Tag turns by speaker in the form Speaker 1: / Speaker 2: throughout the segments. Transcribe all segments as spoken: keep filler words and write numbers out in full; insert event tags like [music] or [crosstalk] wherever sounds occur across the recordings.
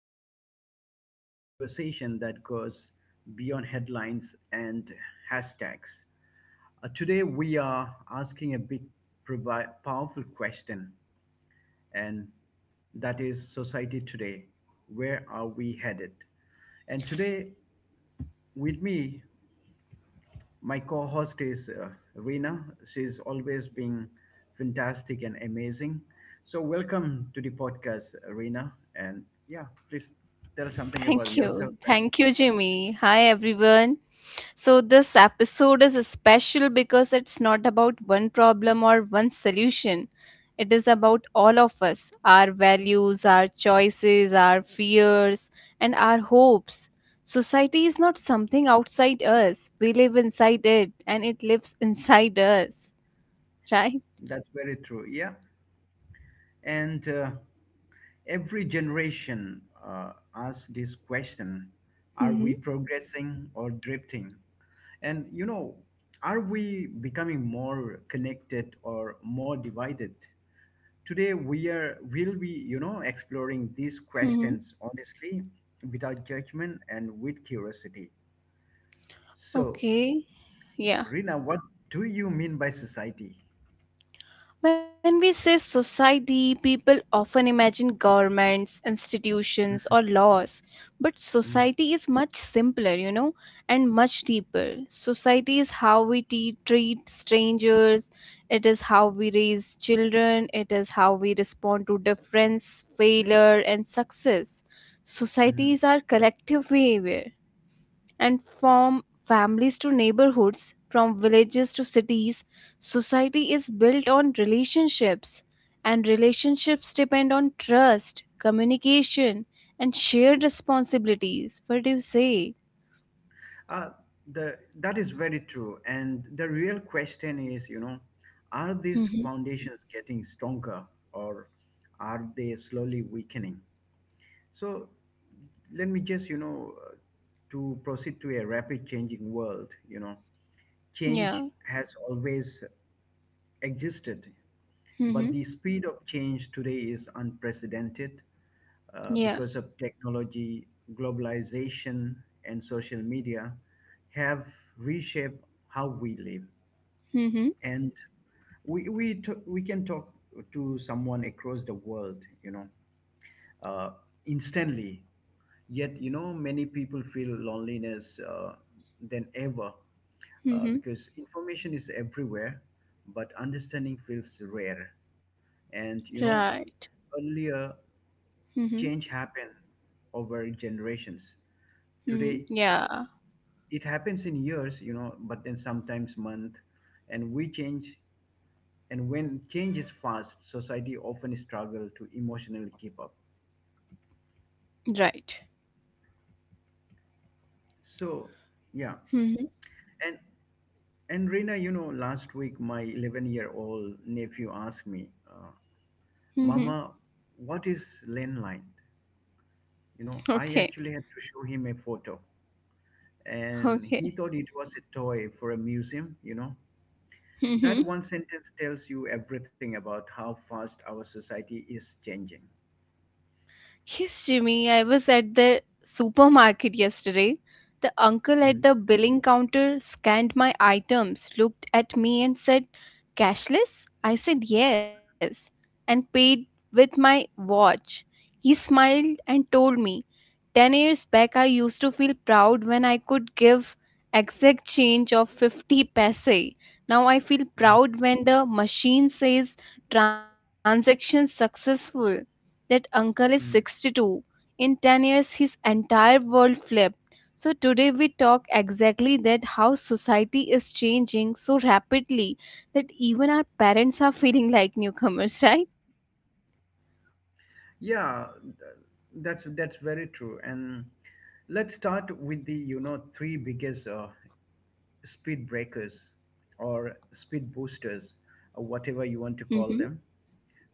Speaker 1: listening to a conversation that goes beyond headlines and hashtags. Uh, today, we are asking a big, provi- powerful question, and that is society today. Where are we headed? And today, with me my co host is uh, Rina. She's always been fantastic and amazing. So, welcome to the podcast, Rina. And yeah, please tell something about
Speaker 2: Thank
Speaker 1: yourself.
Speaker 2: you.
Speaker 1: And
Speaker 2: Thank you, Jimmy. Hi, everyone. So, this episode is special because it's not about one problem or one solution. It is about all of us, our values, our choices, our fears, and our hopes. Society is not something outside us. We live inside it and it lives [laughs] inside us, right?
Speaker 1: that's very true. Yeah. And uh, every generation uh, asks this question: are
Speaker 2: Mm-hmm.
Speaker 1: we progressing or drifting? And, you know, are we becoming more connected or more divided? Today we are will be you know exploring these
Speaker 2: Mm-hmm.
Speaker 1: questions honestly, without judgment and with curiosity. So,
Speaker 2: Okay. Yeah.
Speaker 1: Rina, what do you mean by society?
Speaker 2: When we say society, people often imagine governments, institutions, or laws. But
Speaker 1: Mhm,
Speaker 2: society is much simpler, you know, and much deeper. Society is how we te- treat strangers, it is how we raise children, it is how we respond to difference, failure, and success. Society
Speaker 1: mhm.
Speaker 2: is our collective behavior, and from families to neighborhoods, from villages to cities, society is built on relationships, and relationships depend on trust, communication, and shared responsibilities. What do you say?
Speaker 1: Uh, the that is very true, and the real question is, you know, are these
Speaker 2: Mm-hmm.
Speaker 1: foundations getting stronger or are they slowly weakening? So let me just, you know, uh, to proceed to a rapid changing world, you know. Change
Speaker 2: Yeah.
Speaker 1: has always existed, but
Speaker 2: Mm-hmm.
Speaker 1: the speed of change today is unprecedented uh,
Speaker 2: Yeah.
Speaker 1: because of technology, globalization, and social media have reshaped how we live.
Speaker 2: Mm-hmm.
Speaker 1: And we, we, t- we can talk to someone across the world, you know, uh, instantly. Yet, you know, many people feel loneliness uh, than ever uh,
Speaker 2: Mm-hmm.
Speaker 1: because information is everywhere, but understanding feels rare. And you know,
Speaker 2: Right.
Speaker 1: earlier
Speaker 2: Mm-hmm.
Speaker 1: change happened over generations.
Speaker 2: Mm.
Speaker 1: Today,
Speaker 2: Yeah.
Speaker 1: it happens in years, you know, but then sometimes month, and we change. And when change is fast, society often struggle to emotionally keep up.
Speaker 2: Right.
Speaker 1: So, yeah,
Speaker 2: Mm-hmm.
Speaker 1: and and Rina, you know, last week my eleven-year-old nephew asked me. uh,
Speaker 2: Mm-hmm.
Speaker 1: Mama, what is landline? You know, I
Speaker 2: Okay.
Speaker 1: actually had to show him a photo, and
Speaker 2: Okay.
Speaker 1: he thought it was a toy for a museum, you know. That
Speaker 2: [laughs]
Speaker 1: one sentence tells you everything about how fast our society is changing.
Speaker 2: Yes, Jimmy, I was at the supermarket yesterday. The uncle
Speaker 1: Mhm,
Speaker 2: at the billing counter scanned my items, looked at me, and said, "Cashless?" I said yes, and paid with my watch. He smiled and told me, "ten years back, I used to feel proud when I could give exact change of fifty paise. Now I feel
Speaker 1: mhm,
Speaker 2: proud when the machine says transaction successful." That uncle is
Speaker 1: mhm.
Speaker 2: sixty-two. In ten years, his entire world flipped. So today we talk exactly that, how society is changing so rapidly that even our parents are [laughs] feeling like newcomers,
Speaker 1: Yeah, th- that's that's very true. And let's start with the you know three biggest uh, speed breakers or speed boosters, or whatever you want to call
Speaker 2: right?
Speaker 1: them.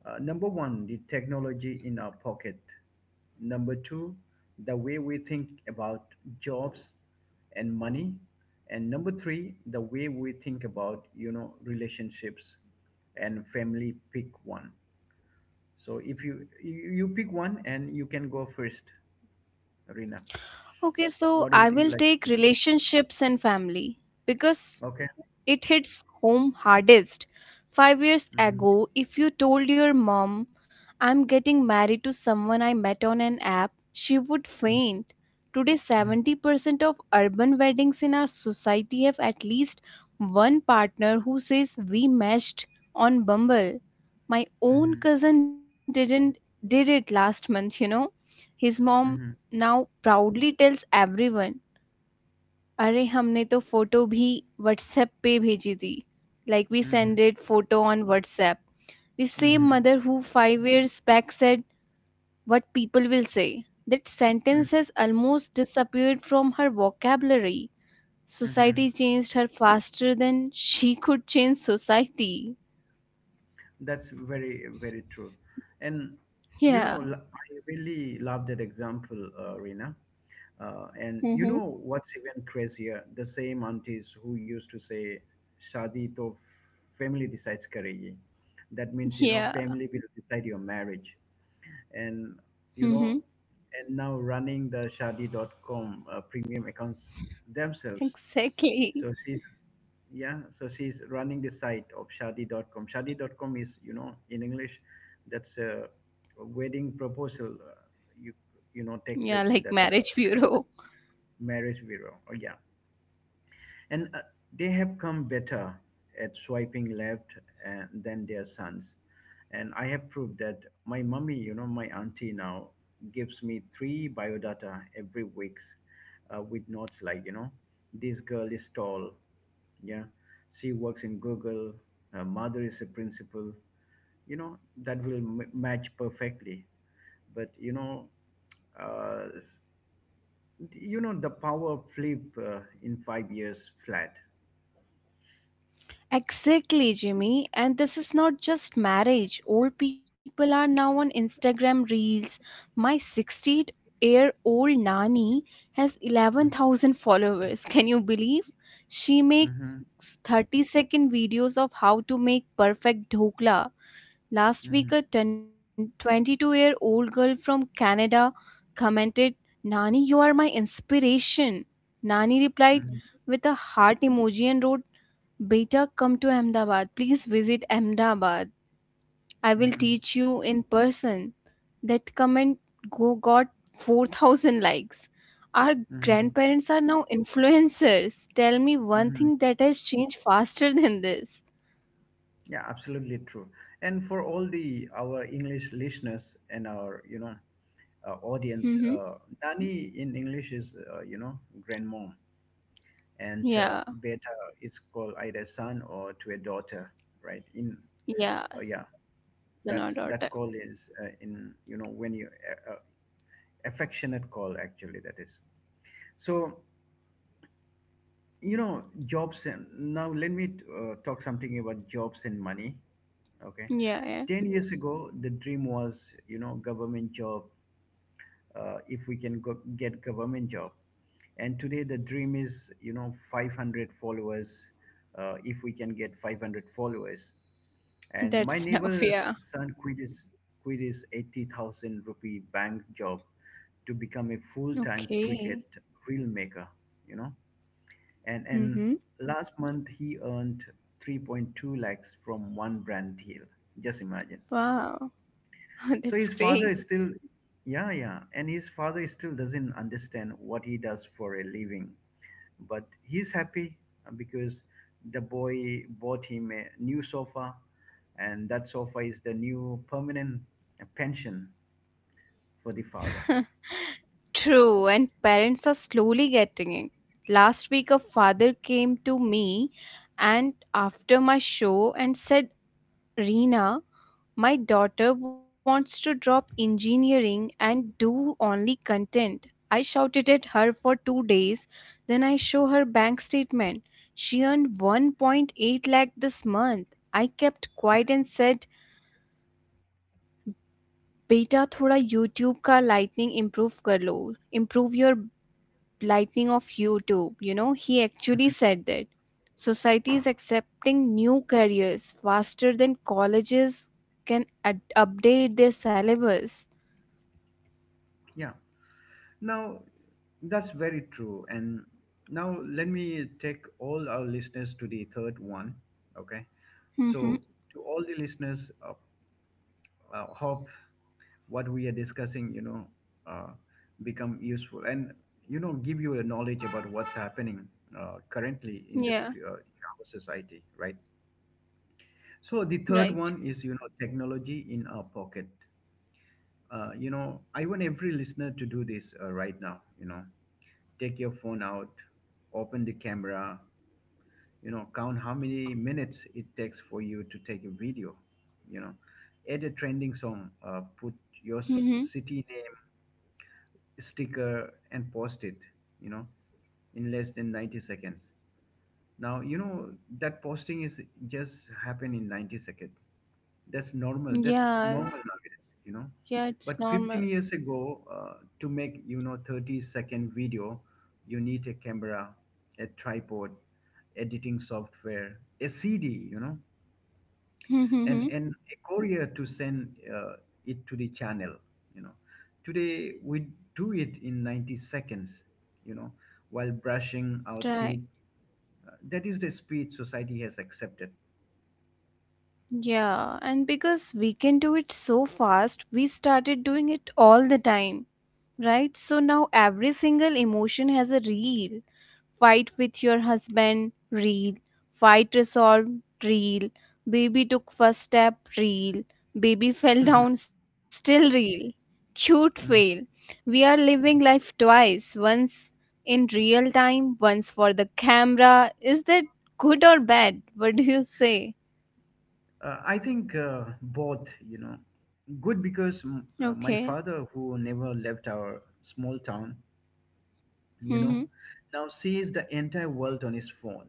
Speaker 1: Uh, number one, the technology in our pocket. Number two, the way we think about jobs and money. And number three, the way we think about, you know, relationships and family. Pick one. So if you you you pick one and you can go first, Rina.
Speaker 2: Okay, so
Speaker 1: What
Speaker 2: I
Speaker 1: would you
Speaker 2: will
Speaker 1: like to
Speaker 2: take
Speaker 1: pick?
Speaker 2: relationships and family because
Speaker 1: Okay.
Speaker 2: it hits home hardest. Five years
Speaker 1: Mhm,
Speaker 2: ago, if you told your mom, "I'm getting married to someone I met on an app," she would faint. Today,
Speaker 1: mhm,
Speaker 2: seventy percent of urban weddings in our society have at least one partner who says, "We meshed on Bumble." My own
Speaker 1: mhm,
Speaker 2: cousin didn't did it last month, you know. His mom
Speaker 1: mhm,
Speaker 2: now proudly tells everyone, अरे हमने तो photo भी WhatsApp पे भेजी थी, like we
Speaker 1: mhm,
Speaker 2: sended photo on WhatsApp. The same
Speaker 1: mhm,
Speaker 2: mother who five years back said, "What people will say." That
Speaker 1: mhm,
Speaker 2: sentence
Speaker 1: mhm,
Speaker 2: has almost disappeared from her vocabulary.
Speaker 1: mhm.
Speaker 2: Society changed her faster than she could change society.
Speaker 1: That's very, very true. And you
Speaker 2: Yeah.
Speaker 1: know, l- I really love that example, uh, Rina. Uh, and you
Speaker 2: Mm-hmm.
Speaker 1: know what's even crazier? The same aunties who used to say, Shadi to family decides karegi. That means, you know,
Speaker 2: Yeah.
Speaker 1: family will decide your marriage. And,
Speaker 2: Mm-hmm.
Speaker 1: you know, and now running the shadi dot com uh, premium accounts themselves.
Speaker 2: Exactly.
Speaker 1: So she's yeah so she's running the site of shadi dot com shadi dot com is you know in English, that's a wedding proposal, uh, you you know take
Speaker 2: Yeah,
Speaker 1: place in
Speaker 2: like
Speaker 1: that uh,
Speaker 2: marriage
Speaker 1: website.
Speaker 2: bureau.
Speaker 1: Marriage bureau. Oh, yeah, and uh, they have come better at swiping left uh, than their sons. And I have proved that my mummy, you know, my auntie now gives me three biodata every weeks uh, with notes like, you know, this girl is tall. Yeah. She works in Google. Her mother is a principal. You know, that will m- match perfectly. But, you know, uh, s- you know, the power flip uh, in five years flat.
Speaker 2: Exactly, Jimmy. And this is not just marriage. Old people are now on Instagram Reels. My sixty-eight year old Nani has
Speaker 1: Hmm.
Speaker 2: eleven thousand followers. Can you believe? She
Speaker 1: Mm-hmm.
Speaker 2: makes thirty second videos of how to make perfect dhokla. Last
Speaker 1: Mm-hmm.
Speaker 2: week, a twenty-two year old girl from Canada commented, "Nani, you are my inspiration." Nani replied
Speaker 1: Mm-hmm.
Speaker 2: with a heart emoji and wrote, "Beta, come to Ahmedabad. Please visit Ahmedabad. I will
Speaker 1: Mm-hmm.
Speaker 2: teach you in person." That comment go got four thousand likes. Our
Speaker 1: Mm-hmm.
Speaker 2: grandparents are now influencers. Tell me one thing
Speaker 1: Mm-hmm.
Speaker 2: that has changed faster than this.
Speaker 1: Yeah, absolutely true. And for all the our English listeners and our you know uh, audience,
Speaker 2: Mm-hmm.
Speaker 1: uh, Nani in English is, uh, you know grandmom, and uh,
Speaker 2: Yeah,
Speaker 1: Beta is called either son or to a daughter, right? In
Speaker 2: yeah,
Speaker 1: uh, yeah,
Speaker 2: son
Speaker 1: that's
Speaker 2: or
Speaker 1: that
Speaker 2: daughter.
Speaker 1: call is, uh, in, you know when you, uh, uh, affectionate call actually that is. So you know jobs, and now let me uh, talk something about jobs and money. Okay.
Speaker 2: Yeah, yeah.
Speaker 1: ten years ago the dream was, you know government job, uh, if we can go- get government job. And today the dream is, you know five hundred followers, uh, if we can get five hundred followers. And my
Speaker 2: That's [laughs] enough.
Speaker 1: neighbor's
Speaker 2: Yeah.
Speaker 1: son quit his quit his eighty thousand rupee bank job to become a full-time
Speaker 2: Okay.
Speaker 1: cricket reel maker. You know and and
Speaker 2: Mm-hmm.
Speaker 1: last month he earned three point two lakhs from one brand deal. Just imagine.
Speaker 2: Wow, [laughs]
Speaker 1: So
Speaker 2: that's
Speaker 1: his father
Speaker 2: great.
Speaker 1: is still, yeah, yeah, and his father still doesn't understand what he does for a living, but he's happy uh, because the boy bought him a new sofa, and that sofa is the new permanent uh, pension for the father.
Speaker 2: [laughs] True, and parents are slowly getting it. Last week, a father came to me and after my show and said, "Reena, my daughter wants to drop engineering and do only content. I shouted at her for two days, then I show her bank statement. She earned one point eight lakh this month. I kept quiet and said, बेटा थोड़ा YouTube का lightning improve कर लो, improve your lightning of YouTube. You know, he actually said that society is accepting new careers faster than colleges can ad- update their syllabus."
Speaker 1: Yeah. Now, that's very true. And now let me take all our listeners to the third one. Okay.
Speaker 2: Mm-hmm.
Speaker 1: So, to all the listeners, uh, uh, hope what we are discussing, you know uh, become useful and you know give you a knowledge about what's happening uh, currently in the
Speaker 2: Yeah,
Speaker 1: f- uh, in our society, right? So the third one
Speaker 2: right.
Speaker 1: is, you know technology in our pocket. uh, you know I want every listener to do this uh, right now. you know take your phone out, open the camera, you know count how many minutes it takes for you to take a video, you know add a trending song, uh, put your
Speaker 2: Mm-hmm.
Speaker 1: city name sticker, and post it you know in less than ninety seconds. Now, you know that posting is just happen in ninety seconds. That's normal. that's
Speaker 2: Yeah,
Speaker 1: normal nowadays, you
Speaker 2: yeah,
Speaker 1: know
Speaker 2: it's normal.
Speaker 1: but fifteen years ago, uh, to make, you know thirty second video, you need a camera, a tripod, editing software, a cd, you know and
Speaker 2: Mm-hmm.
Speaker 1: and a courier to send uh, it to the channel. you know today we do it in ninety seconds, you know while brushing our
Speaker 2: Right.
Speaker 1: teeth. Uh, that is the speed society has accepted.
Speaker 2: Yeah, and because we can do it so fast, we started doing it all the time, right? So now every single emotion has a reel. Fight with your husband, real. Fight resolved, real. Baby took first step, real. Baby [laughs]
Speaker 1: [laughs]
Speaker 2: fell
Speaker 1: Mhm.
Speaker 2: down still real. Cute fail.
Speaker 1: Mhm.
Speaker 2: We are living life twice, once in real time, once for the camera. Is that good or bad? What do you say?
Speaker 1: Uh, I think, uh, both, you know good because, mm, uh,
Speaker 2: Okay.
Speaker 1: my father who never left our small town, you know
Speaker 2: Mm-hmm.
Speaker 1: now sees the entire world on his phone.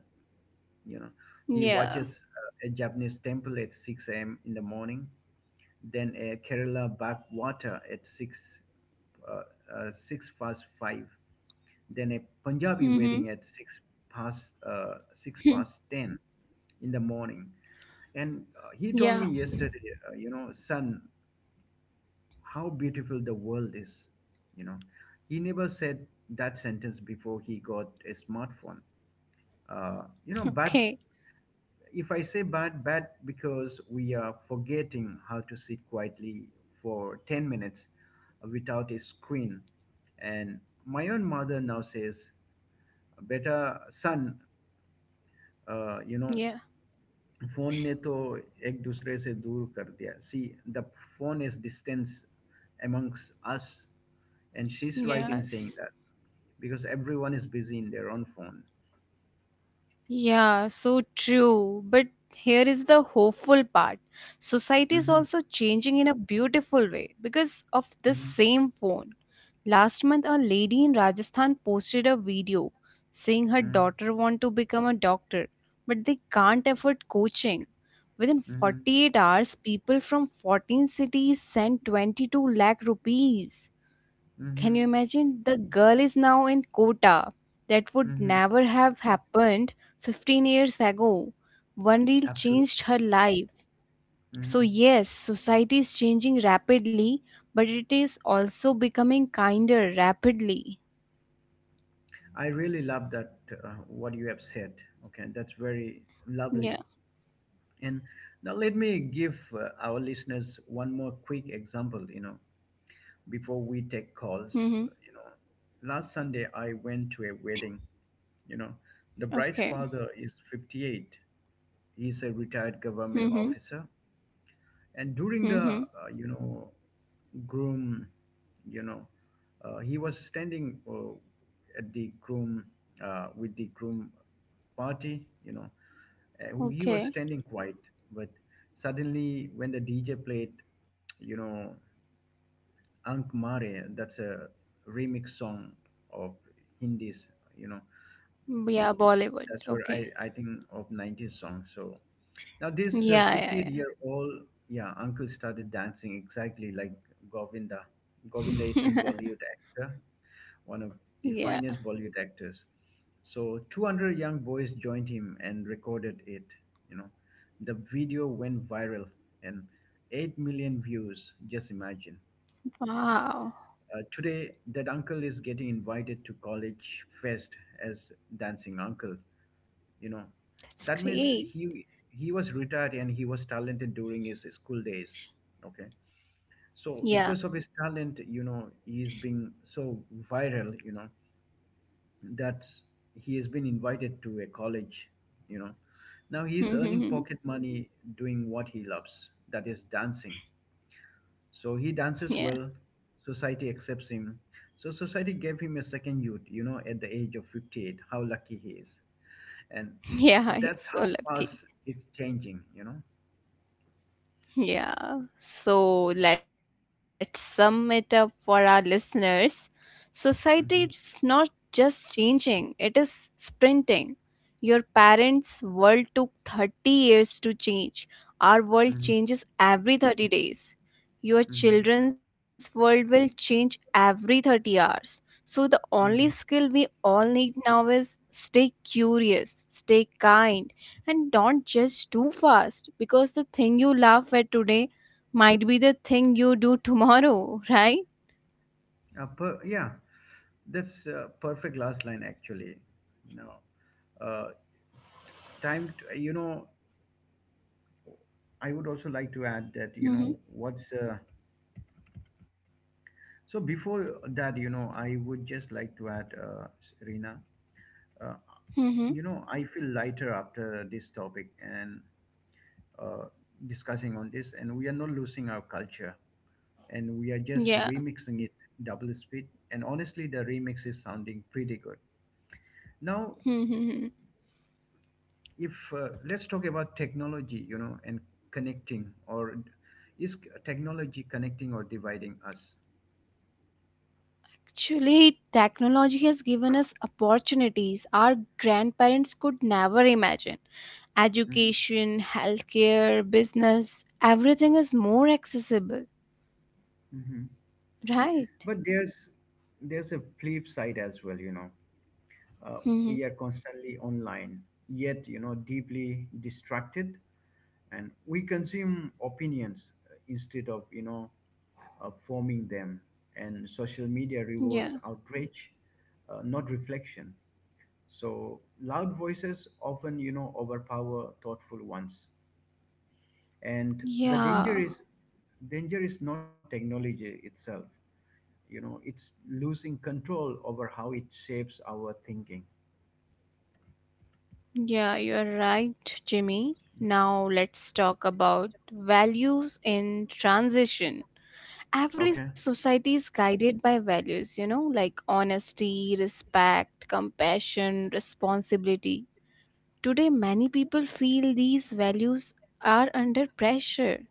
Speaker 1: you know he
Speaker 2: Yeah.
Speaker 1: watches uh, a Japanese temple at six a m in the morning, then a Kerala backwater at six uh, uh, six past five, then a Punjabi
Speaker 2: Mm-hmm.
Speaker 1: wedding at six past uh, six past ten in the morning. And uh, he told
Speaker 2: [laughs] Yeah.
Speaker 1: me yesterday, uh, you know, son, how beautiful the world is. You know, he never said that sentence before he got a smartphone. Uh, you know, but
Speaker 2: Okay.
Speaker 1: if I say bad, bad because we are forgetting how to sit quietly for ten minutes without a screen. And my own mother now says, Beta, son, uh, you know,
Speaker 2: Yeah.
Speaker 1: phone ne to ek dusre se दूर kar diya. See, the phone is distance amongst us, and she's right
Speaker 2: Yes.
Speaker 1: in saying that, because everyone is busy in their own phone.
Speaker 2: Yeah, so true. But here is the hopeful part. Society is
Speaker 1: Mm-hmm,
Speaker 2: also changing in a beautiful way because of this
Speaker 1: mm-hmm,
Speaker 2: same phone. Last month, a lady in Rajasthan posted a video saying her daughter want to become a doctor, but they can't afford coaching. Within
Speaker 1: mm-hmm, mm-hmm,
Speaker 2: forty-eight hours, people from fourteen cities sent twenty-two lakh rupees. Can
Speaker 1: mm-hmm.
Speaker 2: you imagine? The girl is now in Kota. That would
Speaker 1: Mm-hmm.
Speaker 2: never have happened fifteen years ago. One reel changed
Speaker 1: Absolutely.
Speaker 2: her life. So,
Speaker 1: hmm
Speaker 2: yes, society is changing rapidly, but it is also becoming kinder rapidly.
Speaker 1: I really love that, uh, what you have said. Okay, that's very lovely.
Speaker 2: Yeah.
Speaker 1: And now let me give uh, our listeners one more quick example. You know, before we take
Speaker 2: Mm-hmm.
Speaker 1: calls, you know, last Sunday I went to a wedding. You know, the bride's
Speaker 2: Okay.
Speaker 1: father is fifty-eight. He's a retired government
Speaker 2: Mm-hmm.
Speaker 1: officer, and during the
Speaker 2: Mm-hmm.
Speaker 1: uh, you know groom, you know uh, he was standing uh, at the groom, uh, with the groom party, you know uh, who he was
Speaker 2: Okay.
Speaker 1: standing quiet. But suddenly when the dj played, you know ank mare, that's a remix song of hindis, you know
Speaker 2: Yeah, Bollywood.
Speaker 1: that's what
Speaker 2: Okay.
Speaker 1: I, I think of nineties song. So now this uh,
Speaker 2: Yeah, yeah,
Speaker 1: fifty-eight year old, yeah, uncle started dancing exactly like Govinda. Govinda is a
Speaker 2: yeah.
Speaker 1: Bollywood actor, one of the
Speaker 2: [laughs] Yeah.
Speaker 1: finest Bollywood actors. So two hundred young boys joined him and recorded it. You know, the video went viral, and eight million views. Just imagine.
Speaker 2: Wow.
Speaker 1: Uh, today, that uncle is getting invited to college fest as dancing uncle. you know
Speaker 2: That's
Speaker 1: that means
Speaker 2: great.
Speaker 1: he he was retired and he was talented during his school days. Okay,
Speaker 2: Yeah.
Speaker 1: so because of his talent, you know he's been so viral, you know that he has been invited to a college. you know now he's earning
Speaker 2: Mm-hmm.
Speaker 1: pocket money doing what he loves, that is dancing, so he dances
Speaker 2: Yeah.
Speaker 1: well. Society accepts him, so society gave him a second youth, you know at the age of fifty-eight. How lucky he is! And
Speaker 2: [laughs] Yeah,
Speaker 1: that's
Speaker 2: he's so
Speaker 1: how
Speaker 2: lucky.
Speaker 1: fast it's changing you know
Speaker 2: Yeah. So let's sum it up for our listeners. Society is not
Speaker 1: mm-hmm,
Speaker 2: just changing, it is sprinting. Your parents' world took thirty years to change. Our world
Speaker 1: mm-hmm,
Speaker 2: changes every thirty days. Your
Speaker 1: mm-hmm,
Speaker 2: children's world will change every thirty hours. So, the only skill
Speaker 1: mm-hmm.
Speaker 2: we all need now is stay curious, stay kind, and don't judge too fast, because the thing you laugh at today might be the thing you do tomorrow, [laughs] right?
Speaker 1: Uh, per- yeah that's uh, perfect last line actually. No uh, time t- you know i would also like to add that you know
Speaker 2: Mm-hmm.
Speaker 1: what's uh, so before that you know i would just like to add, uh, Rina, uh,
Speaker 2: Mm-hmm.
Speaker 1: you know, I feel lighter after this topic and, uh, discussing on this, and we are not losing our culture, and we are just remixing it double speed, and honestly the remix is sounding pretty good now.
Speaker 2: Yeah. [laughs]
Speaker 1: If uh, Let's talk about technology, you know, and connecting or is c- technology connecting or dividing us?
Speaker 2: Actually, technology has given us opportunities our grandparents could never imagine.
Speaker 1: Hmm,
Speaker 2: Education, healthcare, business, everything is more accessible,
Speaker 1: hmm.
Speaker 2: right?
Speaker 1: But there's there's a flip side as well, you know. uh,
Speaker 2: Hmm.
Speaker 1: we are constantly online, yet, you know, deeply distracted, and we consume opinions, uh, instead of, you know uh, forming them. And social media rewards
Speaker 2: Yeah.
Speaker 1: outrage, uh, not reflection. So loud voices often, you know, overpower thoughtful ones. And the danger
Speaker 2: Yeah.
Speaker 1: is danger is not technology itself, you know. It's losing control over how it shapes our thinking.
Speaker 2: Yeah, you're right, Jimmy. Now let's talk about values in transition. Every
Speaker 1: Okay.
Speaker 2: society is guided by values, you know, like honesty, respect, compassion, responsibility. Today, many people feel these values are under pressure.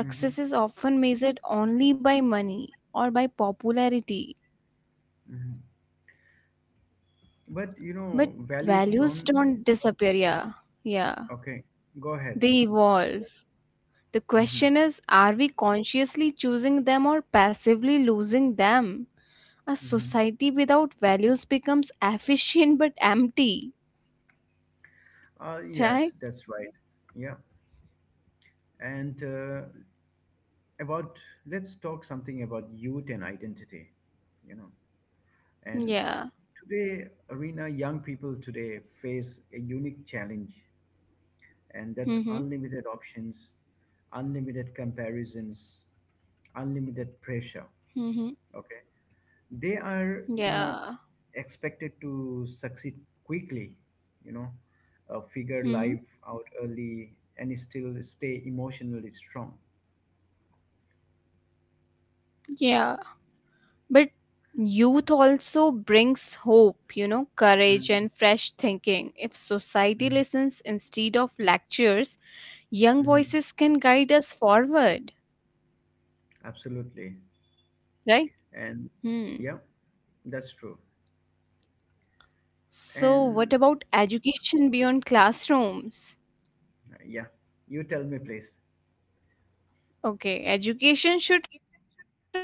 Speaker 1: Mm-hmm.
Speaker 2: is often measured only by money or by popularity.
Speaker 1: Mm-hmm. But you
Speaker 2: But
Speaker 1: know, values
Speaker 2: values
Speaker 1: don't.
Speaker 2: don't disappear, yeah. Yeah.
Speaker 1: Okay, go ahead.
Speaker 2: They evolve. The
Speaker 1: Mm-hmm.
Speaker 2: question is, are we consciously choosing them or passively losing them? A
Speaker 1: Mm-hmm.
Speaker 2: society without values becomes efficient but empty,
Speaker 1: Uh, yes,
Speaker 2: right?
Speaker 1: that's right. Yeah. And uh, about, let's talk something about youth and identity, you know.
Speaker 2: Yeah.
Speaker 1: And today, Arena, young people today face a unique challenge, and that's
Speaker 2: Mm-hmm.
Speaker 1: unlimited options, unlimited comparisons, unlimited
Speaker 2: Mm-hmm.
Speaker 1: pressure. Okay. They are,
Speaker 2: Yeah.
Speaker 1: you know, expected to succeed quickly, you know, uh, figure
Speaker 2: Mm-hmm.
Speaker 1: life out early and still stay emotionally strong.
Speaker 2: Yeah. But youth also brings hope, you know, courage
Speaker 1: Mhm,
Speaker 2: and fresh thinking. If society
Speaker 1: mhm,
Speaker 2: listens instead of lectures, young
Speaker 1: mhm.
Speaker 2: voices can guide us forward,
Speaker 1: Absolutely.
Speaker 2: right?
Speaker 1: And
Speaker 2: Hmm.
Speaker 1: yeah, that's true.
Speaker 2: So, what
Speaker 1: And
Speaker 2: about education beyond classrooms?
Speaker 1: uh, yeah, you tell me please.
Speaker 2: Okay, education should not just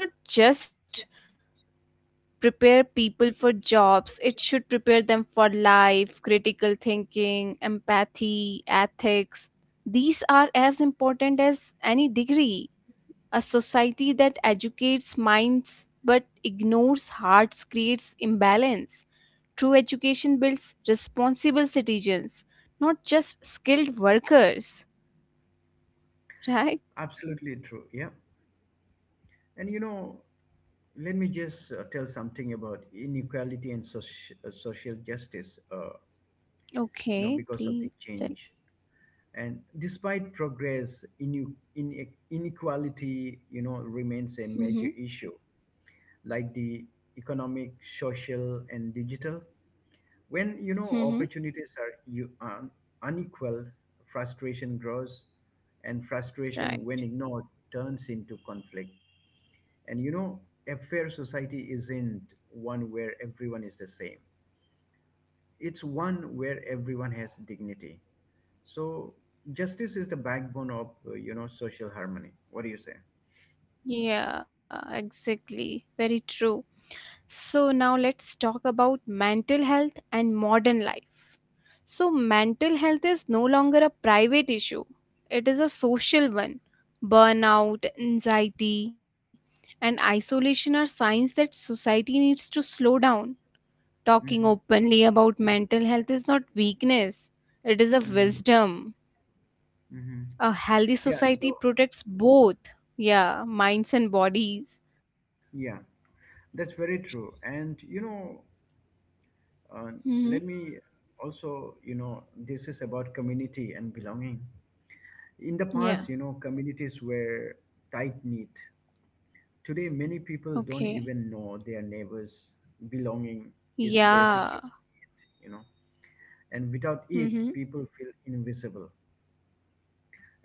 Speaker 2: prepare people for jobs, it should prepare them for life. Critical thinking, empathy, ethics, these are as important as any degree. A society that educates minds but ignores hearts creates imbalance. True education builds responsible citizens, not just skilled workers, right?
Speaker 1: Absolutely true, yeah. And you know, let me just uh, tell something about inequality and soci- uh, social justice. Uh, you know,
Speaker 2: Okay,
Speaker 1: because of the
Speaker 2: please tell.
Speaker 1: change. And despite progress, ine- ine- inequality, you know, remains a major
Speaker 2: Mm-hmm.
Speaker 1: issue, like the economic, social, and digital. When you know
Speaker 2: Mm-hmm.
Speaker 1: opportunities are you un- unequal, frustration grows, and frustration,
Speaker 2: Right.
Speaker 1: when ignored, turns into conflict. And you know, a fair society isn't one where everyone is the same. It's one where everyone has dignity. So justice is the backbone of, uh, you know, social harmony. What do you say?
Speaker 2: Yeah, exactly. Very true. So now let's talk about mental health and modern life. So mental health is no longer a private issue. It is a social one. Burnout, anxiety, and isolation are signs that society needs to slow down. Talking
Speaker 1: Mm-hmm.
Speaker 2: openly about mental health is not weakness. It is a
Speaker 1: Mm-hmm.
Speaker 2: wisdom.
Speaker 1: Hmm.
Speaker 2: A healthy
Speaker 1: Yeah.
Speaker 2: society
Speaker 1: So
Speaker 2: protects both, yeah, minds and bodies.
Speaker 1: yeah, that's very true. And you know, uh,
Speaker 2: Mm-hmm.
Speaker 1: let me also, you know, this is about community and belonging. In the
Speaker 2: Yeah.
Speaker 1: past, you know, communities were tight knit. Today, many people don't
Speaker 2: Okay.
Speaker 1: even know their neighbors. Belonging is basic
Speaker 2: Yeah.
Speaker 1: human need, you know, and without it,
Speaker 2: Mm-hmm.
Speaker 1: people feel invisible.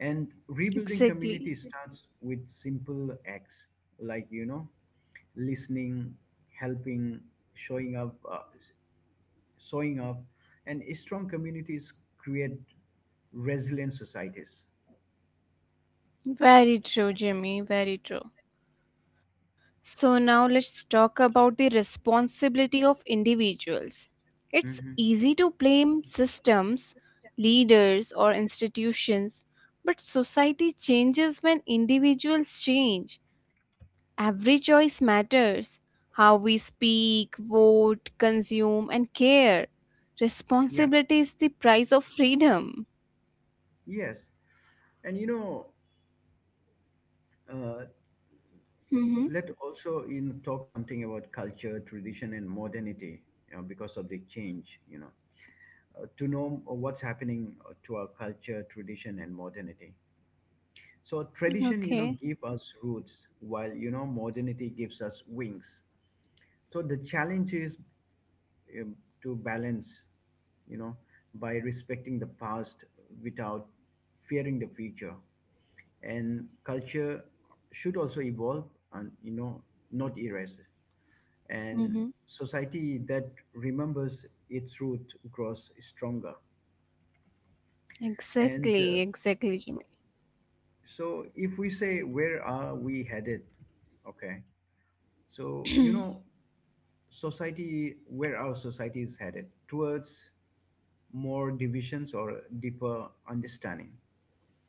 Speaker 1: And rebuilding
Speaker 2: Exactly.
Speaker 1: community starts with simple acts like, you know, listening, helping, showing up, uh, showing up. And strong communities create resilient societies.
Speaker 2: Very true, Jimmy. Very true. So now let's talk about the responsibility of individuals. It's
Speaker 1: Hmm.
Speaker 2: easy to blame systems, leaders, or institutions, but society changes when individuals change. Every choice matters. How we speak, vote, consume, and care.
Speaker 1: Yeah,
Speaker 2: Responsibility is the price of freedom.
Speaker 1: yes. And, you know, uh,
Speaker 2: Mm-hmm.
Speaker 1: let also, you know, talk something about culture, tradition, and modernity, you know, because of the change, you know, uh, to know what's happening uh, to our culture, tradition, and modernity. So tradition, you
Speaker 2: Okay.
Speaker 1: know, give us roots while, you know, modernity gives us wings. So the challenge is, um, to balance, you know, by respecting the past without fearing the future. And culture should also evolve and, you know, not erase.
Speaker 2: Mm-hmm.
Speaker 1: And society that remembers its root grows stronger. And uh,
Speaker 2: Exactly. Exactly, Jimmy.
Speaker 1: so if we say, where are we headed? Okay.
Speaker 2: [clears throat]
Speaker 1: So, you know, society where our society is headed towards more divisions or deeper understanding?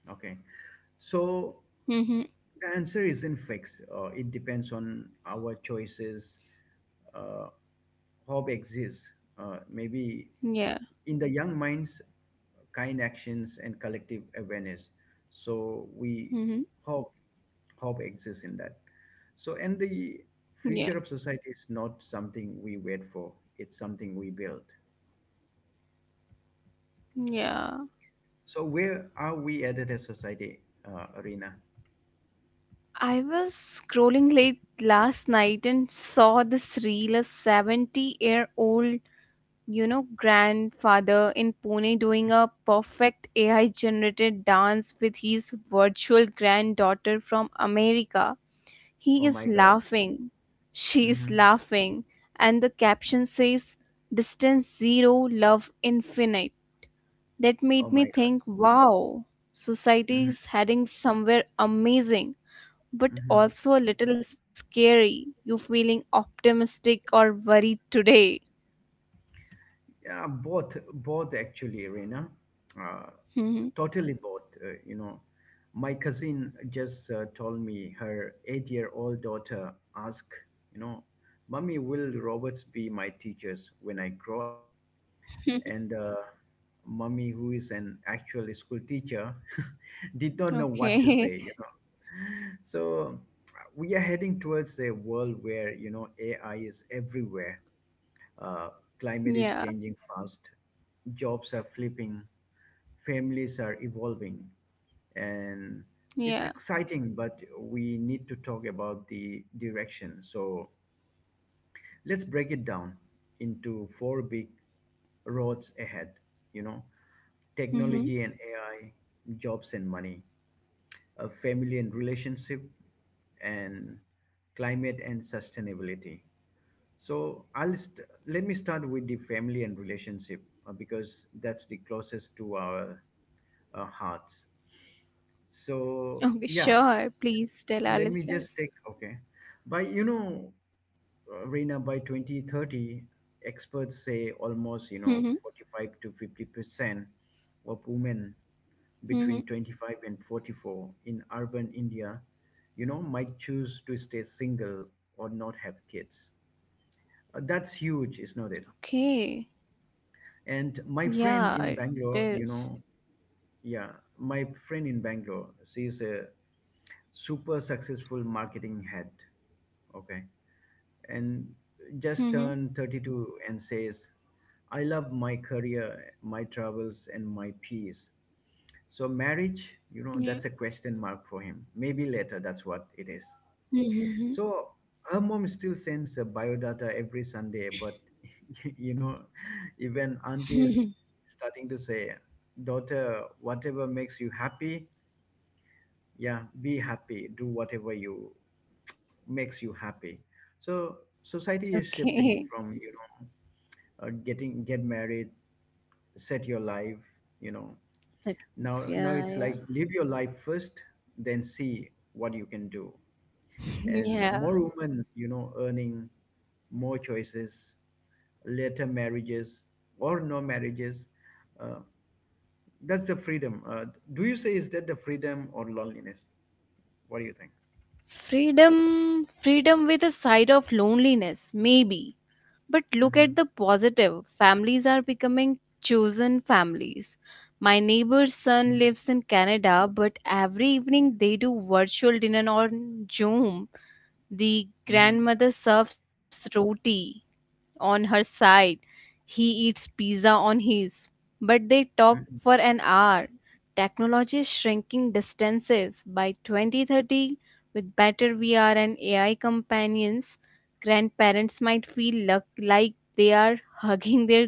Speaker 1: Okay. So
Speaker 2: Mm-hmm.
Speaker 1: the answer isn't fixed. Uh, it depends on our choices. uh, Hope exists, uh, maybe
Speaker 2: Yeah.
Speaker 1: in the young minds, kind actions, and collective awareness. So we
Speaker 2: Mm-hmm.
Speaker 1: hope. Hope exists in that. So and the
Speaker 2: Yeah.
Speaker 1: future of society is not something we wait for. It's something we build.
Speaker 2: Yeah.
Speaker 1: So where are we at as a society, uh, Arena?
Speaker 2: I was scrolling late last night and saw this reel, a seventy year old, you know, grandfather in Pune doing a perfect A I generated dance with his virtual granddaughter from America. He
Speaker 1: Oh my
Speaker 2: is
Speaker 1: god.
Speaker 2: laughing. She is
Speaker 1: Hmm.
Speaker 2: laughing. And the caption says, "Distance zero, love infinite." That
Speaker 1: Oh
Speaker 2: made me
Speaker 1: my god.
Speaker 2: think, wow, society
Speaker 1: Hmm,
Speaker 2: is heading somewhere amazing, but
Speaker 1: hmm.
Speaker 2: also a little scary. You feeling optimistic or worried today?
Speaker 1: Yeah, both, both actually, Arena. uh,
Speaker 2: Mhm.
Speaker 1: Totally both. Uh, you know, my cousin just uh, told me her eight-year-old daughter asked, you know, "Mummy, will robots be my teachers when I grow up?" And uh, mummy, who is an actual school teacher, [laughs] did not know what to say. You
Speaker 2: Okay.
Speaker 1: know, so we are heading towards a world where you know A I is everywhere, uh, climate is
Speaker 2: [laughs] Yeah.
Speaker 1: changing fast, jobs are flipping, families are evolving, and it's
Speaker 2: Yeah.
Speaker 1: exciting, but we need to talk about the direction. So let's break it down into four big roads ahead, you know, technology
Speaker 2: Mm-hmm.
Speaker 1: and A I, jobs and money, uh, family and relationship, and climate and sustainability. So I'll st- let me start with the family and relationship uh, because that's the closest to our uh, hearts. So
Speaker 2: Okay,
Speaker 1: yeah,
Speaker 2: sure. Please tell
Speaker 1: let
Speaker 2: our
Speaker 1: me just take
Speaker 2: listeners.
Speaker 1: okay. By you know, uh, Reena, by twenty thirty, experts say almost
Speaker 2: Mm-hmm.
Speaker 1: you know forty-five to fifty percent of women
Speaker 2: Mm-hmm.
Speaker 1: between twenty-five and forty-four in urban India, you know, might choose to stay single or not have kids. Uh, that's huge, is not it?
Speaker 2: Okay.
Speaker 1: And my
Speaker 2: Yeah,
Speaker 1: friend
Speaker 2: it
Speaker 1: in Bangalore, you
Speaker 2: is.
Speaker 1: know, yeah, my friend in Bangalore, she's a super successful marketing head, okay, and just
Speaker 2: Mm-hmm.
Speaker 1: turned thirty-two and says, I love my career, my travels, and my peace. So, marriage, you know,
Speaker 2: Yeah.
Speaker 1: that's a question mark for him. Maybe later, that's what it is.
Speaker 2: Mm-hmm.
Speaker 1: So her mom still sends uh, biodata every Sunday, but [laughs] you know, even auntie is starting to say, daughter, whatever makes you happy, yeah, be happy. Do whatever you makes you happy.
Speaker 2: [laughs]
Speaker 1: So
Speaker 2: Okay.
Speaker 1: society is shifting from you know uh, getting get married, set your life. You know,
Speaker 2: That,
Speaker 1: now
Speaker 2: yeah,
Speaker 1: now
Speaker 2: yeah,
Speaker 1: it's like live your life first, then see what you can do. And
Speaker 2: yeah.
Speaker 1: more women, you know, earning more choices, later marriages or no marriages, uh, that's the freedom. Uh, do you say, is that the freedom or loneliness? What do you think?
Speaker 2: Freedom, freedom with a side of loneliness, maybe. But look at
Speaker 1: Mm-hmm.
Speaker 2: the positive. Families are becoming chosen families. My neighbor's son lives in Canada, but every evening they do virtual dinner on Zoom. The
Speaker 1: Mm-hmm.
Speaker 2: grandmother serves roti on her side. He eats pizza on his. But they talk
Speaker 1: Hmm.
Speaker 2: for an hour. Technology is shrinking distances. By twenty thirty, with better V R and A I companions, grandparents might feel luck- like they are [laughs] hugging their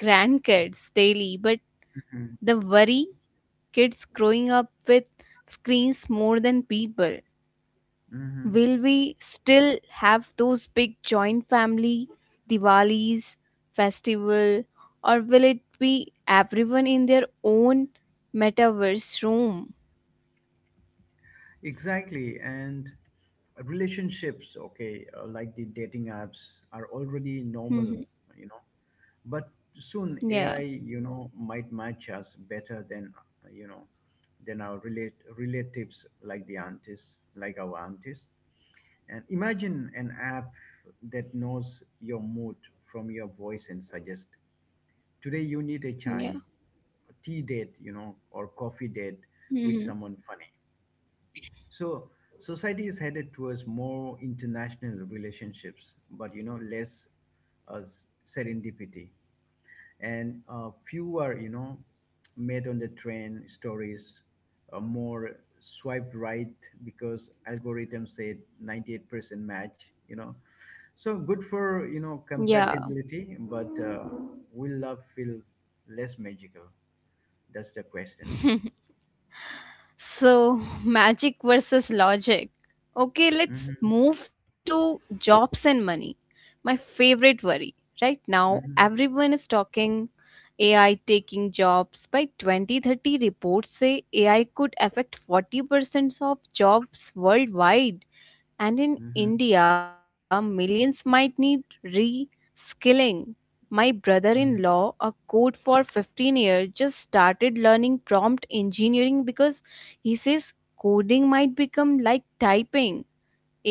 Speaker 2: grandkids daily. But
Speaker 1: Hmm.
Speaker 2: the worry, kids growing up with screens more than people.
Speaker 1: Hmm.
Speaker 2: Will we still have those big joint family Diwalis, festival, or will it be everyone in their own metaverse room?
Speaker 1: Exactly. And relationships, okay, uh, like the dating apps are already normal,
Speaker 2: Mhm,
Speaker 1: you know, but soon
Speaker 2: yeah,
Speaker 1: A I, you know, might match us better than, uh, you know, than our relate relatives like the aunties, like our aunties. And imagine an app that knows your mood from your voice and suggest today you need a
Speaker 2: yeah,
Speaker 1: chai, a tea date, you know, or coffee date with
Speaker 2: mhm,
Speaker 1: someone funny. So society is headed towards more international relationships, but you know less uh, s- serendipity, and uh, fewer, you know, made on the train stories, uh, more swiped right because algorithm said ninety-eight percent match. You know, so good for, you know,
Speaker 2: yeah.
Speaker 1: compatibility, but uh, will love feel less magical? That's the question.
Speaker 2: [laughs] So, magic versus logic. Okay, let's
Speaker 1: Hmm,
Speaker 2: move to jobs and money. My favorite worry. Right now,
Speaker 1: hmm,
Speaker 2: everyone is talking A I taking jobs. By twenty thirty, reports say A I could affect forty percent of jobs worldwide. And in
Speaker 1: hmm,
Speaker 2: India, millions might need re skilling. My brother in
Speaker 1: hmm,
Speaker 2: law, a code for fifteen years, just started learning prompt engineering because he says coding might become like typing.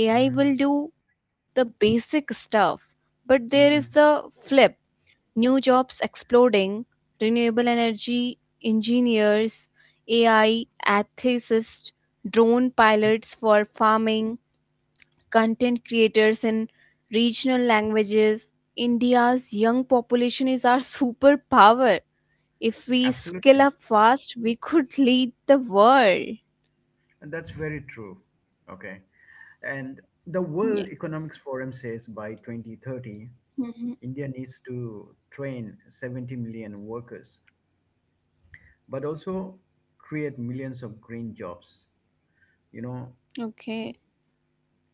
Speaker 1: hmm,
Speaker 2: A I will do the basic stuff. But there is
Speaker 1: hmm.
Speaker 2: the flip, new jobs exploding, renewable energy engineers, A I ethicists, drone pilots for farming, content creators in regional languages. India's young population is our [laughs] superpower. If we skill
Speaker 1: Absolutely.
Speaker 2: up fast, we could lead the world.
Speaker 1: And that's very true. Okay. And the
Speaker 2: Yeah.
Speaker 1: World Economics Forum says by twenty thirty,
Speaker 2: Hmm.
Speaker 1: India needs to train seventy million workers, but also create millions of green jobs. You know,
Speaker 2: Okay.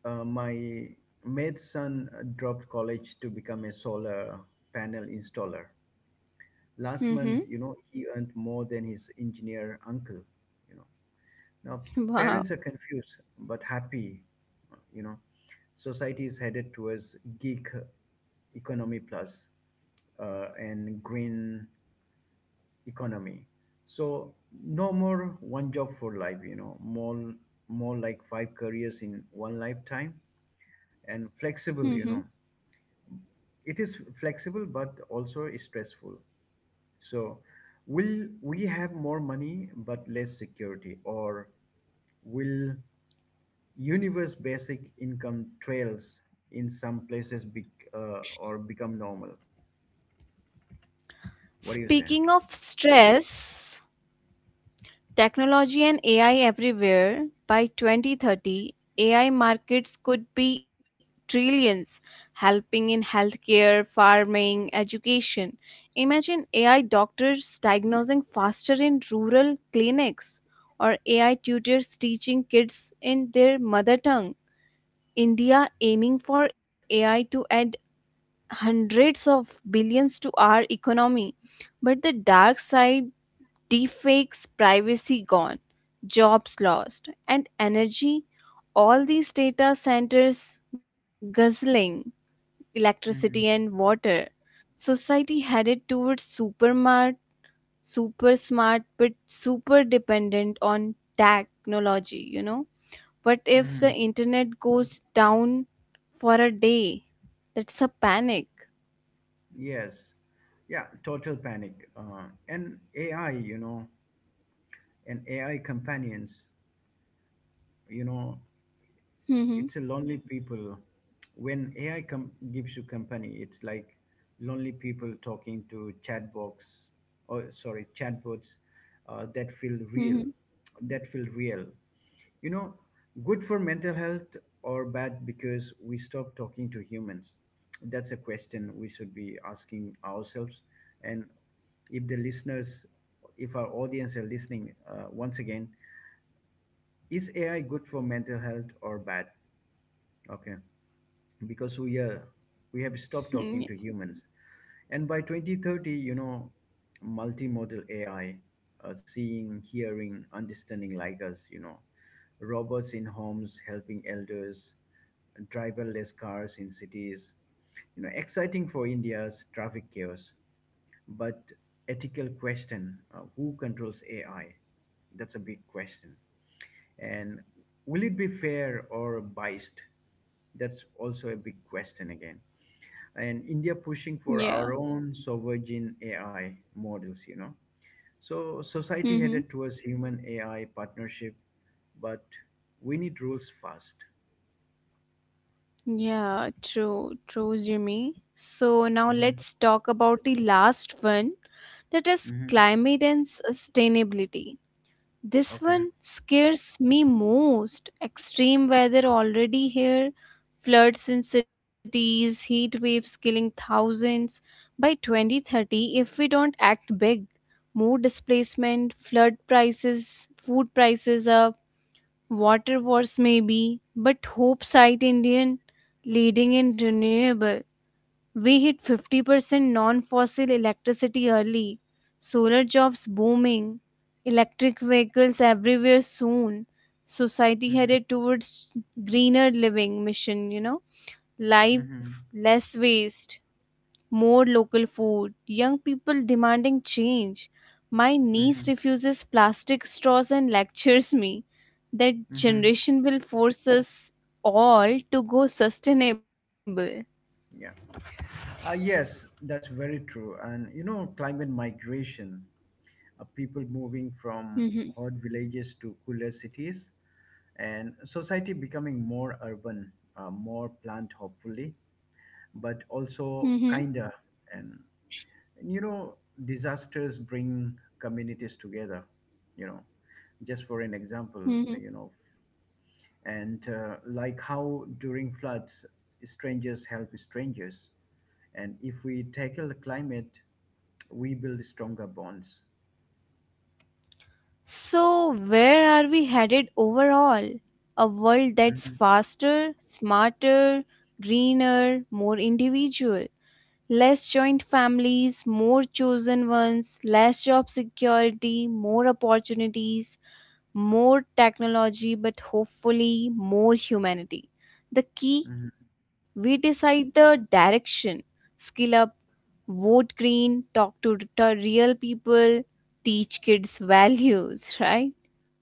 Speaker 1: uh, my mate's son dropped college to become a solar panel installer. Last month,
Speaker 2: Hmm.
Speaker 1: you know, he earned more than his engineer uncle, you know. Now,
Speaker 2: [laughs] Wow.
Speaker 1: parents are confused but happy, you know. Society is headed towards geek economy plus, uh, and green economy. So no more one job for life, you know, more more like five careers in one lifetime, and
Speaker 2: Hmm.
Speaker 1: flexible, you know. It is flexible but also is stressful. So will we have more money but less security, or will universe basic income trails in some places be, uh, or become normal? What do you say?
Speaker 2: Speaking of stress, technology and A I everywhere. By twenty thirty, A I markets could be trillions, helping in healthcare, farming, education. Imagine A I doctors diagnosing faster in rural clinics, or A I tutors teaching kids in their mother tongue. India aiming for A I to add hundreds of billions to our economy. But the dark side, deepfakes, privacy gone, jobs lost, and energy. All these data centers guzzling electricity and
Speaker 1: Hmm,
Speaker 2: water. Society headed towards super smart, super smart, but super dependent on technology. You know, what if the
Speaker 1: hmm.
Speaker 2: internet goes down for a day? That's a panic.
Speaker 1: Yes, yeah, total panic. Uh, and AI, you know, and AI companions, you know, it's
Speaker 2: Mm-hmm.
Speaker 1: a lonely people. When ai com- gives you company, it's like lonely people talking to chatbots, or sorry, chatbots, uh, that feel real,
Speaker 2: Mm-hmm.
Speaker 1: that feel real you know. Good for mental health or bad because we stop talking to humans? That's a question we should be asking ourselves. And if the listeners, if our audience are listening, uh, once again, is AI good for mental health or bad? Okay. Because we are, we have
Speaker 2: Mm-hmm.
Speaker 1: stopped talking to humans. And by twenty thirty, you know, multimodal AI, uh, seeing, hearing, understanding like us, you know, robots in homes helping elders, driverless cars in cities, you know, exciting for India's traffic chaos. But ethical question, uh, who controls AI? That's a big question. And will it be fair or biased? That's also a big question again. And India pushing for
Speaker 2: Yeah.
Speaker 1: our own sovereign A I models, you know. So society
Speaker 2: Mm-hmm.
Speaker 1: headed towards human A I partnership, but we need rules fast.
Speaker 2: Yeah, true, true, Jimmy. So now
Speaker 1: Hmm,
Speaker 2: let's talk about the last one, that is
Speaker 1: hmm.
Speaker 2: climate and sustainability. This
Speaker 1: Okay.
Speaker 2: one scares me most. Extreme weather already here, floods in cities, heat waves killing thousands. By twenty thirty, if we don't act big, more displacement, flood prices, food prices up, water wars maybe, but hope site Indian leading in renewable. We hit fifty percent non-fossil electricity early. Solar jobs booming. Electric vehicles everywhere soon. Society
Speaker 1: Hmm,
Speaker 2: headed towards greener living mission, you know. Life
Speaker 1: hmm,
Speaker 2: less waste, more local food, young people demanding change. My niece
Speaker 1: hmm,
Speaker 2: refuses plastic straws and lectures me that
Speaker 1: hmm.
Speaker 2: generation will force us all to go sustainable.
Speaker 1: Yeah. Uh, yes, that's very true. And you know, climate migration, uh, people moving from
Speaker 2: Mhm,
Speaker 1: hot villages to cooler cities, and society becoming more urban, uh, more planned, hopefully, but also
Speaker 2: mhm,
Speaker 1: kinder. And, and you know, disasters bring communities together. You know, just for an example,
Speaker 2: mhm.
Speaker 1: you know, and uh, like how during floods, strangers help strangers, and if we tackle climate, we build stronger bonds.
Speaker 2: So, where are we headed overall? A world that's
Speaker 1: Mhm,
Speaker 2: faster, smarter, greener, more individual. Less joint families, more chosen ones, less job security, more opportunities, more technology, but hopefully more humanity. The key,
Speaker 1: mhm.
Speaker 2: we decide the direction. Skill up, vote green, talk to to real people, teach kids [laughs] values, right?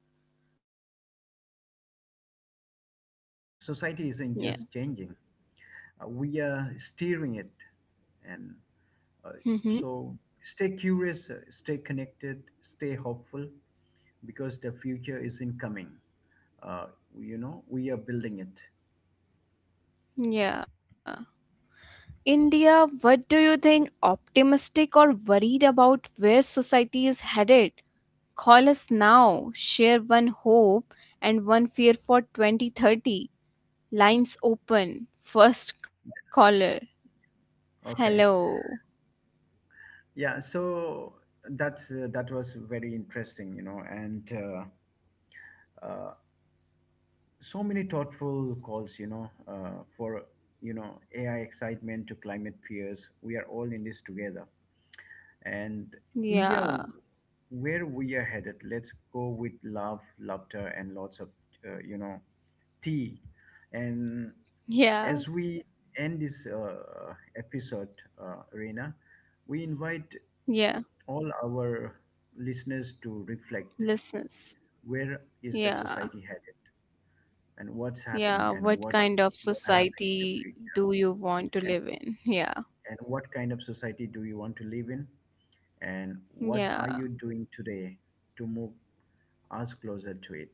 Speaker 1: Uh, beautifully said, Arena. Um, society isn't just
Speaker 2: Yeah.
Speaker 1: changing; uh, we are steering it. And uh,
Speaker 2: Hmm.
Speaker 1: so stay curious, uh, stay connected, stay hopeful because the future is incoming. Uh, you know, we are building it.
Speaker 2: Yeah. India, what do you think? Optimistic or worried about where society is headed? Call us now. Share one hope and one fear for twenty thirty. Lines open. First caller.
Speaker 1: Okay.
Speaker 2: Hello.
Speaker 1: Yeah. So that's uh, that was very interesting, you know, and uh, uh, so many thoughtful calls, you know, uh, for you know A I excitement to climate peers. We are all in this together. And India,
Speaker 2: Yeah.
Speaker 1: where we are headed. Let's go with love, laughter, and lots of uh, you know tea. And as
Speaker 2: Yeah.
Speaker 1: we end this uh, episode, uh, Reena, we invite
Speaker 2: Yeah.
Speaker 1: all our listeners to reflect:
Speaker 2: Listeners.
Speaker 1: where is the
Speaker 2: Yeah.
Speaker 1: society headed, and what's happening,
Speaker 2: Yeah.
Speaker 1: and
Speaker 2: What
Speaker 1: what's
Speaker 2: kind of
Speaker 1: going to happen in the
Speaker 2: society
Speaker 1: future,
Speaker 2: do you want to
Speaker 1: and
Speaker 2: live in? Yeah.
Speaker 1: and what kind of society do you want to live in, and what are
Speaker 2: Yeah.
Speaker 1: you doing today to move us closer to it.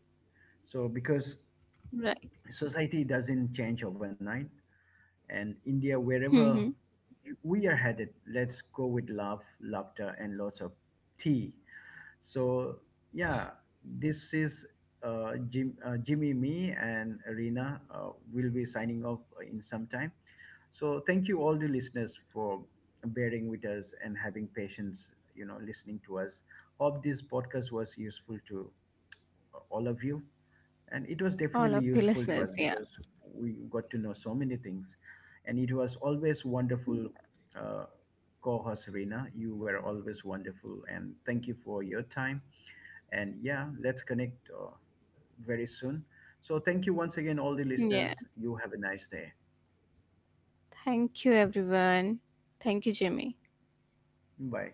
Speaker 1: So, because
Speaker 2: Right.
Speaker 1: society doesn't change overnight, and India,
Speaker 2: Mm-hmm.
Speaker 1: wherever we are headed, let's go with love, laughter, and lots of tea. So, yeah, this is uh, Jim, uh, Jimmy, me, and Rina uh, will be signing off in some time. So, thank you all the listeners for bearing with us and having patience, you know, listening to us. Hope this podcast was useful to all of you, and it was
Speaker 2: All
Speaker 1: definitely
Speaker 2: of the
Speaker 1: useful to
Speaker 2: listeners.
Speaker 1: us
Speaker 2: Yeah.
Speaker 1: because we got to know so many things, and it was always wonderful, uh, co-host Reena, you were always wonderful, and thank you for your time. And yeah, let's connect uh, very soon. So thank you once again all the
Speaker 2: Yeah.
Speaker 1: listeners. You have a nice day.
Speaker 2: Thank you, everyone. Thank you, Jimmy.
Speaker 1: Bye.